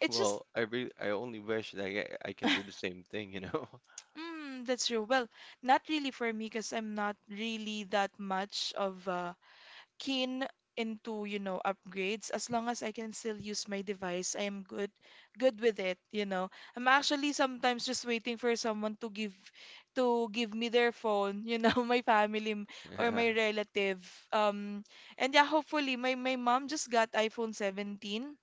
[SPEAKER 1] it's just
[SPEAKER 2] well, I really, I only wish that I can do the same thing, you know?
[SPEAKER 1] Mm, that's true. Well, not really for me because I'm not really that much of keen into, you know, upgrades. As long as I can still use my device, I am good with it, you know. I'm actually sometimes just waiting for someone to give me their phone, you know, my family or
[SPEAKER 2] Yeah.
[SPEAKER 1] my relative. Um, and yeah, hopefully my mom just got iPhone 17,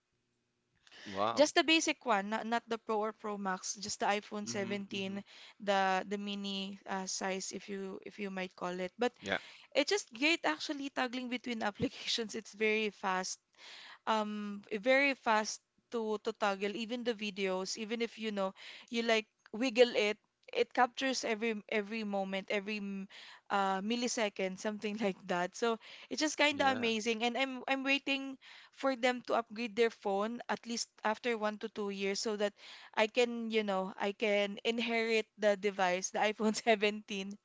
[SPEAKER 2] Wow.
[SPEAKER 1] just the basic one, not the Pro or Pro Max, just the iPhone
[SPEAKER 2] Mm-hmm, mm-hmm.
[SPEAKER 1] 17, the mini size if you might call it. But
[SPEAKER 2] Yeah,
[SPEAKER 1] it's just great actually toggling between applications. It's very fast, very fast to toggle, even the videos, even if you know you like wiggle it, it captures every moment, every millisecond, something like that. So it's just kind of
[SPEAKER 2] yeah,
[SPEAKER 1] amazing, and I'm waiting for them to upgrade their phone at least after 1 to 2 years so that I can, you know, I can inherit the device, the iPhone 17.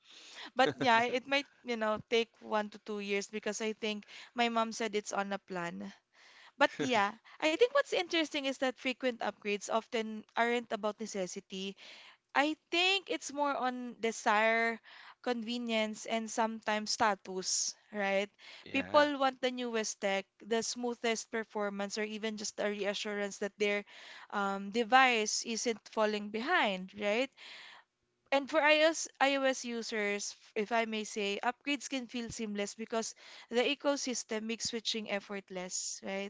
[SPEAKER 1] But yeah, it might, you know, take 1 to 2 years because I think my mom said it's on a plan. But yeah, I think what's interesting is that frequent upgrades often aren't about necessity. I think it's more on desire, convenience, and sometimes status, right?
[SPEAKER 2] yeah,
[SPEAKER 1] People want the newest tech, the smoothest performance, or even just a reassurance that their device isn't falling behind, right? And for iOS users, if I may say, upgrades can feel seamless because the ecosystem makes switching effortless, right?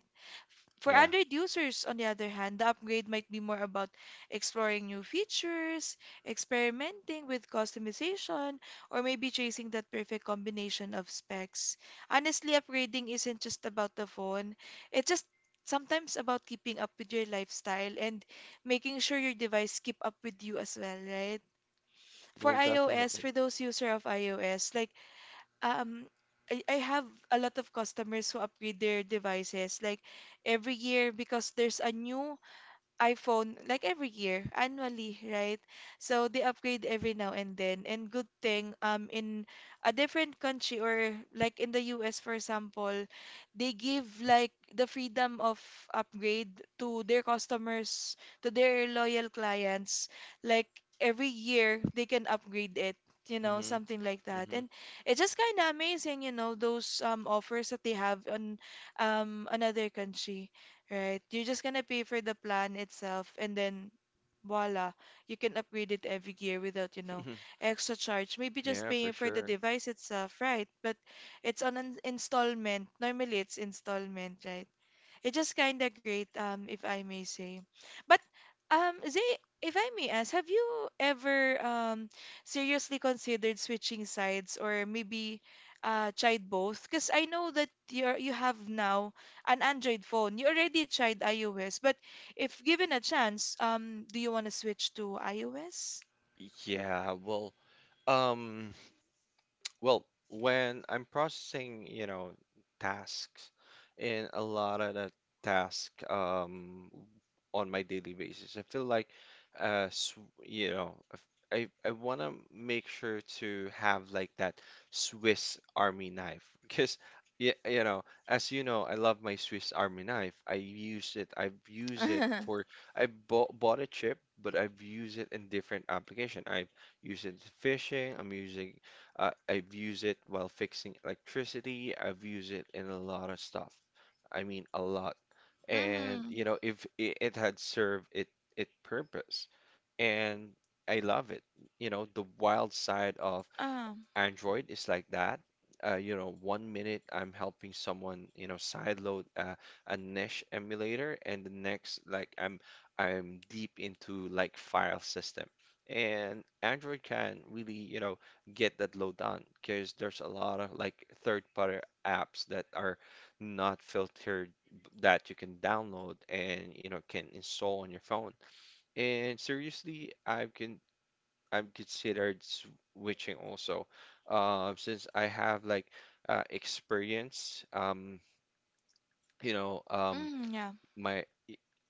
[SPEAKER 1] For
[SPEAKER 2] yeah.
[SPEAKER 1] Android users, on the other hand, the upgrade might be more about exploring new features, experimenting with customization, or maybe chasing that perfect combination of specs. Honestly, upgrading isn't just about the phone, it's just sometimes about keeping up with your lifestyle and making sure your device keep up with you as well, right? For
[SPEAKER 2] Well,
[SPEAKER 1] iOS,
[SPEAKER 2] definitely.
[SPEAKER 1] for those user of iOS, like um I have a lot of customers who upgrade their devices like every year because there's a new iPhone like every year, annually, right? So they upgrade every now and then. And good thing, in a different country or like in the US, for example, they give like the freedom of upgrade to their customers, to their loyal clients. Like every year, they can upgrade it. You know,
[SPEAKER 2] Mm-hmm,
[SPEAKER 1] something like that,
[SPEAKER 2] mm-hmm.
[SPEAKER 1] and it's just kind of amazing, you know, those offers that they have on another country, right? You're just gonna pay for the plan itself and then voila, you can upgrade it every year without, you know, extra charge. Maybe just
[SPEAKER 2] Yeah, for
[SPEAKER 1] paying for the
[SPEAKER 2] sure.
[SPEAKER 1] device itself, right? But it's on an installment. Normally it's installment, right? It's just kind of great, if I may say. But Zay, if I may ask, have you ever seriously considered switching sides or maybe tried both? Because I know that you have now an Android phone. You already tried iOS, but if given a chance, do you want to switch to iOS?
[SPEAKER 2] Yeah, well, um, when I'm processing, tasks, and a lot of the task on my daily basis, I feel like uh s- you know, if- I want to make sure to have, like, that Swiss Army knife. Because, yeah, as you know, I love my Swiss Army knife. I use it. I've used it for I bought a chip, but I've used it in different application. I've used it fishing. I've used it while fixing electricity. I've used it in a lot of stuff. I mean, a lot. And
[SPEAKER 1] Mm,
[SPEAKER 2] if it had served it purpose, and I love it. The wild side of
[SPEAKER 1] uh,
[SPEAKER 2] Android is like that. One minute I'm helping someone, sideload a Nesh emulator, and the next, like, I'm deep into, like, file system. And Android can really, get that load done, because there's a lot of, like, third-party apps that are not filtered, that you can download, and can install on your phone. And seriously, I have can I've considered switching also, since I have, like, experience, you know,
[SPEAKER 1] mm, yeah,
[SPEAKER 2] my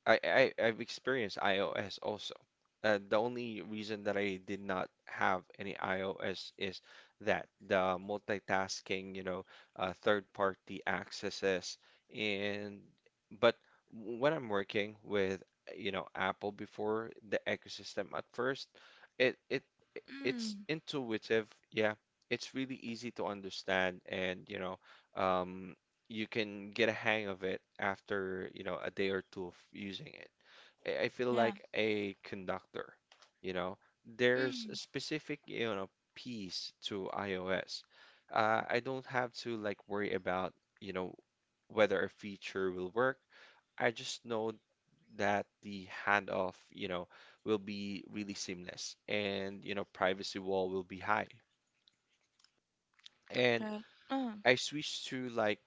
[SPEAKER 2] I I've experienced iOS also. The only reason that I did not have any iOS is that the multitasking, third-party accesses, and but when I'm working with, Apple, before, the ecosystem at first, it it it's
[SPEAKER 1] mm,
[SPEAKER 2] intuitive, yeah. It's really easy to understand, and um, you can get a hang of it after, a day or two of using it. I feel
[SPEAKER 1] yeah,
[SPEAKER 2] like a conductor. you know, there's a
[SPEAKER 1] mm,
[SPEAKER 2] specific, piece to iOS. I don't have to, like, worry about, you know, whether a feature will work. I just know that the handoff, will be really seamless, and, privacy wall will be high. And
[SPEAKER 1] right, uh,
[SPEAKER 2] I switched to, like,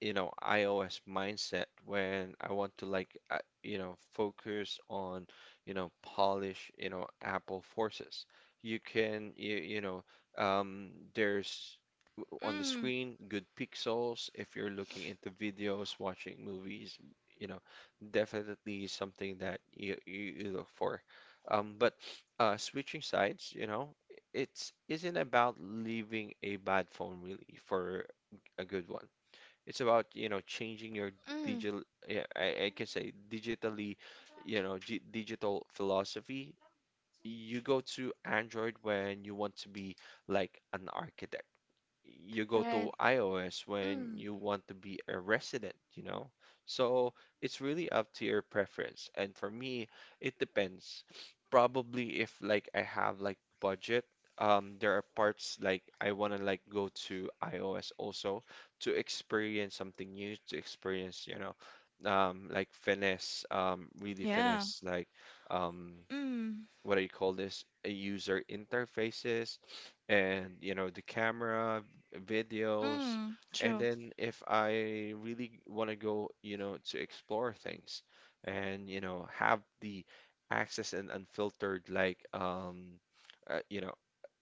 [SPEAKER 2] iOS mindset when I want to, like, focus on, polish, Apple forces. You can, there's on the
[SPEAKER 1] mm,
[SPEAKER 2] screen good pixels, if you're looking into videos, watching movies, you know, definitely something that you look for. But switching sides, it's isn't about leaving a bad phone really for a good one. It's about, changing your
[SPEAKER 1] mm,
[SPEAKER 2] digital, yeah, I can say digitally, g digital philosophy. You go to Android when you want to be like an architect. You go to
[SPEAKER 1] right.
[SPEAKER 2] iOS when
[SPEAKER 1] Mm.
[SPEAKER 2] you want to be a resident, you know? So it's really up to your preference. And for me, it depends. Probably if, like, I have, like, budget, there are parts like I want to, like, go to iOS also, to experience something new, to experience, like, finesse, really
[SPEAKER 1] Yeah.
[SPEAKER 2] finesse, like, um,
[SPEAKER 1] Mm.
[SPEAKER 2] what do you call this, a user interfaces, and the camera, videos.
[SPEAKER 1] Mm.
[SPEAKER 2] And
[SPEAKER 1] True.
[SPEAKER 2] then if I really want to go, to explore things, and have the access and unfiltered, like, uh, you know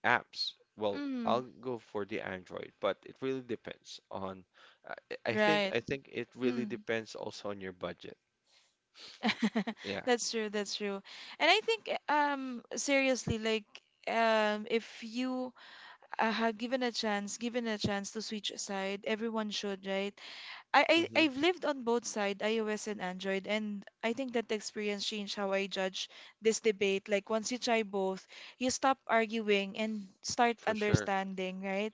[SPEAKER 2] apps, well, I'll
[SPEAKER 1] Mm.
[SPEAKER 2] go for the Android. But it really depends on — I I think,
[SPEAKER 1] Right.
[SPEAKER 2] it really
[SPEAKER 1] Mm.
[SPEAKER 2] depends also on your budget. Yeah.
[SPEAKER 1] That's true. That's true. And I think seriously, like, if you have given a chance to switch side, everyone should, right? I, I
[SPEAKER 2] Hmm.
[SPEAKER 1] I've lived on both side, iOS and Android, and I think that experience changed how I judge this debate. Like once you try both, you stop arguing and start
[SPEAKER 2] For sure.
[SPEAKER 1] understanding, right?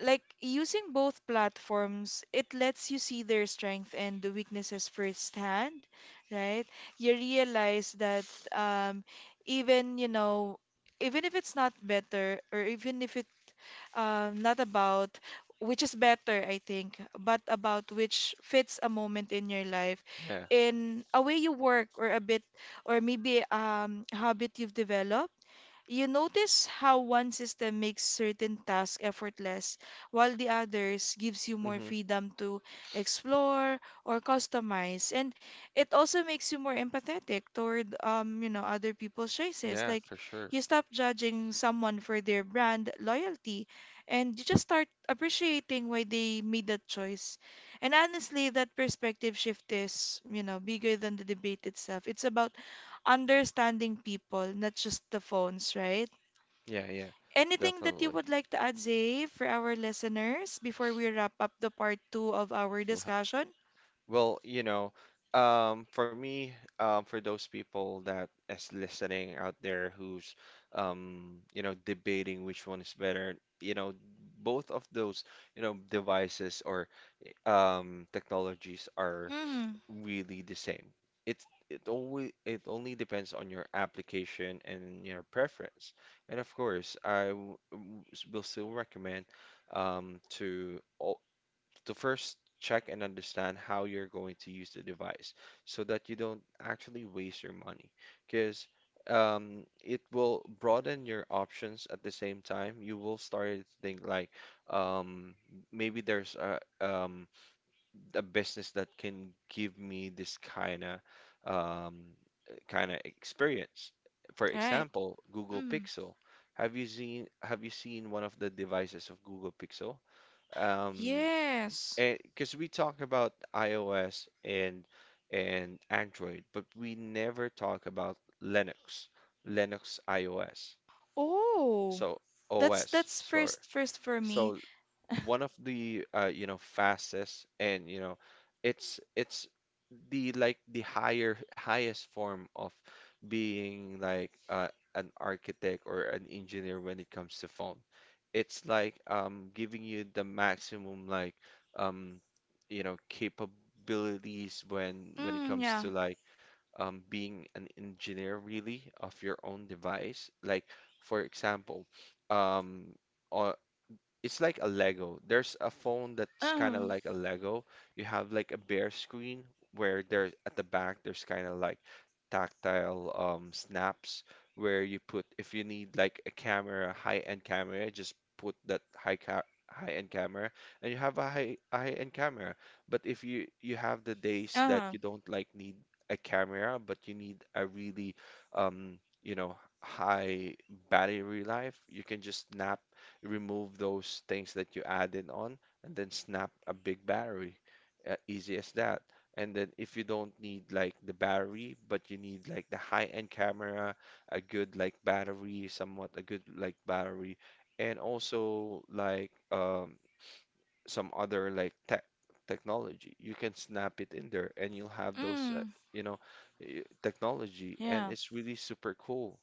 [SPEAKER 1] Like using both platforms, it lets you see their strength and the weaknesses firsthand, right? You realize that um, even, you know, even if it's not better, or even if it not about which is better, I think, but about which fits a moment in your life,
[SPEAKER 2] Yeah.
[SPEAKER 1] in a way you work or a bit, or maybe habit you've developed, you notice how one system makes certain tasks effortless, while the others gives you more
[SPEAKER 2] Mm-hmm.
[SPEAKER 1] freedom to explore or customize. And it also makes you more empathetic toward you know, other people's choices.
[SPEAKER 2] Yeah,
[SPEAKER 1] Like
[SPEAKER 2] for sure.
[SPEAKER 1] you stop judging someone for their brand loyalty and you just start appreciating why they made that choice. And honestly, that perspective shift is, you know, bigger than the debate itself. It's about understanding people, not just the phones, right?
[SPEAKER 2] Yeah, yeah,
[SPEAKER 1] Anything that you
[SPEAKER 2] definitely.
[SPEAKER 1] would like to add, Zay, for our listeners before we wrap up the part two of our
[SPEAKER 2] Wha-
[SPEAKER 1] discussion?
[SPEAKER 2] Well, for me, for those people that is listening out there who's, debating which one is better, both of those, devices or technologies, are
[SPEAKER 1] Mm,
[SPEAKER 2] really the same. It's it always it only depends on your application and your preference. And of course, I will still recommend, um, to al- to first check and understand how you're going to use the device, so that you don't actually waste your money, because it will broaden your options at the same time. You will start to think, like, um, maybe there's a business that can give me this kind of, um, kind of experience. For
[SPEAKER 1] right.
[SPEAKER 2] example, Google
[SPEAKER 1] Mm,
[SPEAKER 2] Pixel. Have you seen one of the devices of Google Pixel? Um,
[SPEAKER 1] yes.
[SPEAKER 2] because we talk about iOS and Android, but we never talk about Linux, Linux iOS.
[SPEAKER 1] Oh,
[SPEAKER 2] So
[SPEAKER 1] that's
[SPEAKER 2] OS. Sorry.
[SPEAKER 1] first for me.
[SPEAKER 2] So, one of the fastest, and it's the, like, the higher highest form of being like an architect or an engineer when it comes to phone. It's like, giving you the maximum, like, um, capabilities when it
[SPEAKER 1] Mm,
[SPEAKER 2] comes
[SPEAKER 1] yeah.
[SPEAKER 2] to, like, being an engineer really of your own device. Like, for example, um on it's like a Lego. There's a phone that's kind of
[SPEAKER 1] Mm,
[SPEAKER 2] like a Lego. You have, like, a bare screen, where, there at the back, there's kind of like tactile, snaps, where you put, if you need, like, a camera, high-end camera, just put that high-end camera, and you have a high-end camera. But if you have the days that
[SPEAKER 1] uh-huh.
[SPEAKER 2] you don't, like, need a camera, but you need a really, um, you know high battery life, you can just snap, remove those things that you added on, and then snap a big battery. Easy as that. And then if you don't need, like, the battery, but you need, like, the high-end camera, a good, like, battery, somewhat a good, like, battery, and also like, some other like technology, you can snap it in there, and you'll have those,
[SPEAKER 1] Mm,
[SPEAKER 2] you know technology. And
[SPEAKER 1] yeah.
[SPEAKER 2] it's really super cool,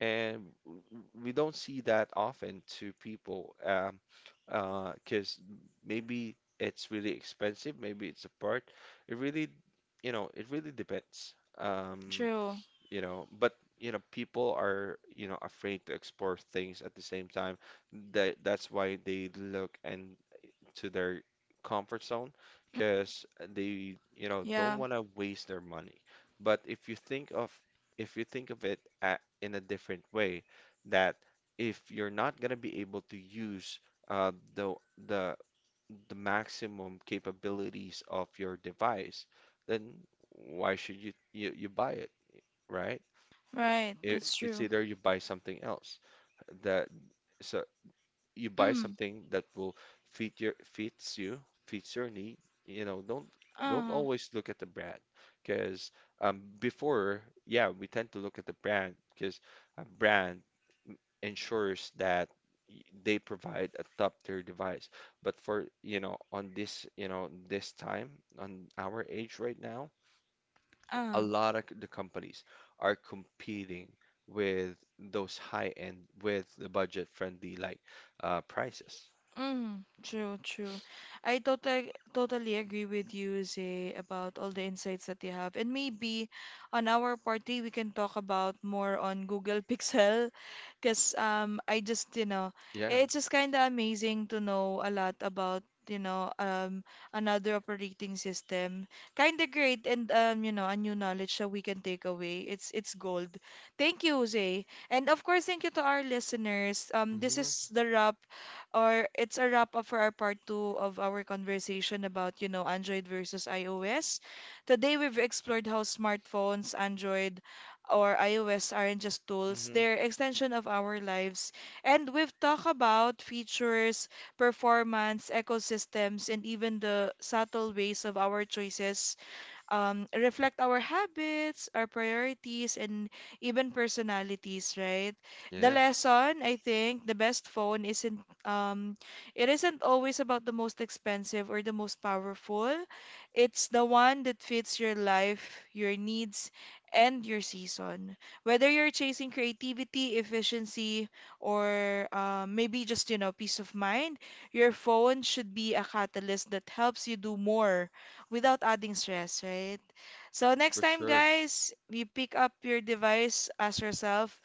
[SPEAKER 2] and we don't see that often to people, 'cause maybe it's really expensive, maybe it's a part. It really, it really depends. Um,
[SPEAKER 1] True.
[SPEAKER 2] you know, but people are, afraid to explore things at the same time. That's why they look and to their comfort zone, because they, don't
[SPEAKER 1] Yeah.
[SPEAKER 2] want to waste their money. But if you think of it at, in a different way, that if you're not going to be able to use, uh, the the the maximum capabilities of your device, then why should you buy it, right?
[SPEAKER 1] Right. That's
[SPEAKER 2] It's
[SPEAKER 1] true.
[SPEAKER 2] either you buy something else, that, so you buy
[SPEAKER 1] Mm,
[SPEAKER 2] something that will fits you, fits your need. You know, don't don't
[SPEAKER 1] uh,
[SPEAKER 2] always look at the brand, because, before, yeah, we tend to look at the brand, because a brand ensures that they provide a top-tier device. But for, on this, this time, on our age right now, a
[SPEAKER 1] uh.
[SPEAKER 2] lot of the companies are competing with those high end, with the budget friendly, like, prices.
[SPEAKER 1] Mm, true, true. I totally agree with you, Zay, about all the insights that you have. And maybe on our party we can talk about more on Google Pixel because I just, you know,
[SPEAKER 2] Yeah.
[SPEAKER 1] it's just kind of amazing to know a lot about, you know, another operating system. Kind of great and, you know, a new knowledge that we can take away. It's gold. Thank you, Jose. And of course, thank you to our listeners. This
[SPEAKER 2] Hmm.
[SPEAKER 1] is the wrap, or it's a wrap up for our part two of our conversation about, you know, Android versus iOS. Today, we've explored how smartphones, Android, or iOS aren't just tools,
[SPEAKER 2] Hmm.
[SPEAKER 1] they're extension of our lives. And we've talked about features, performance, ecosystems, and even the subtle ways of our choices reflect our habits, our priorities, and even personalities, right? The
[SPEAKER 2] Yeah,
[SPEAKER 1] lesson, I think, the best phone isn't um, it isn't always about the most expensive or the most powerful. It's the one that fits your life, your needs, and your season. Whether you're chasing creativity, efficiency, or maybe just, you know, peace of mind, your phone should be a catalyst that helps you do more without adding stress, right? So next
[SPEAKER 2] for
[SPEAKER 1] time,
[SPEAKER 2] sure.
[SPEAKER 1] guys, you pick up your device, ask yourself,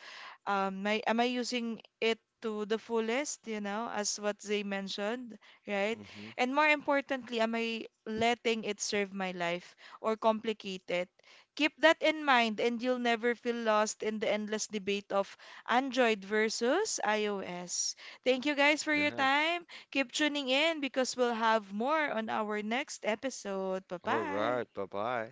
[SPEAKER 1] am I using it to the fullest, you know, as what they mentioned, right?
[SPEAKER 2] Hmm.
[SPEAKER 1] And more importantly, am I letting it serve my life or complicate it? Keep that in mind and you'll never feel lost in the endless debate of Android versus iOS. Thank you guys for your
[SPEAKER 2] Yeah.
[SPEAKER 1] time. Keep tuning in because we'll have more on our next episode.
[SPEAKER 2] All
[SPEAKER 1] Bye-bye.
[SPEAKER 2] right. Bye bye.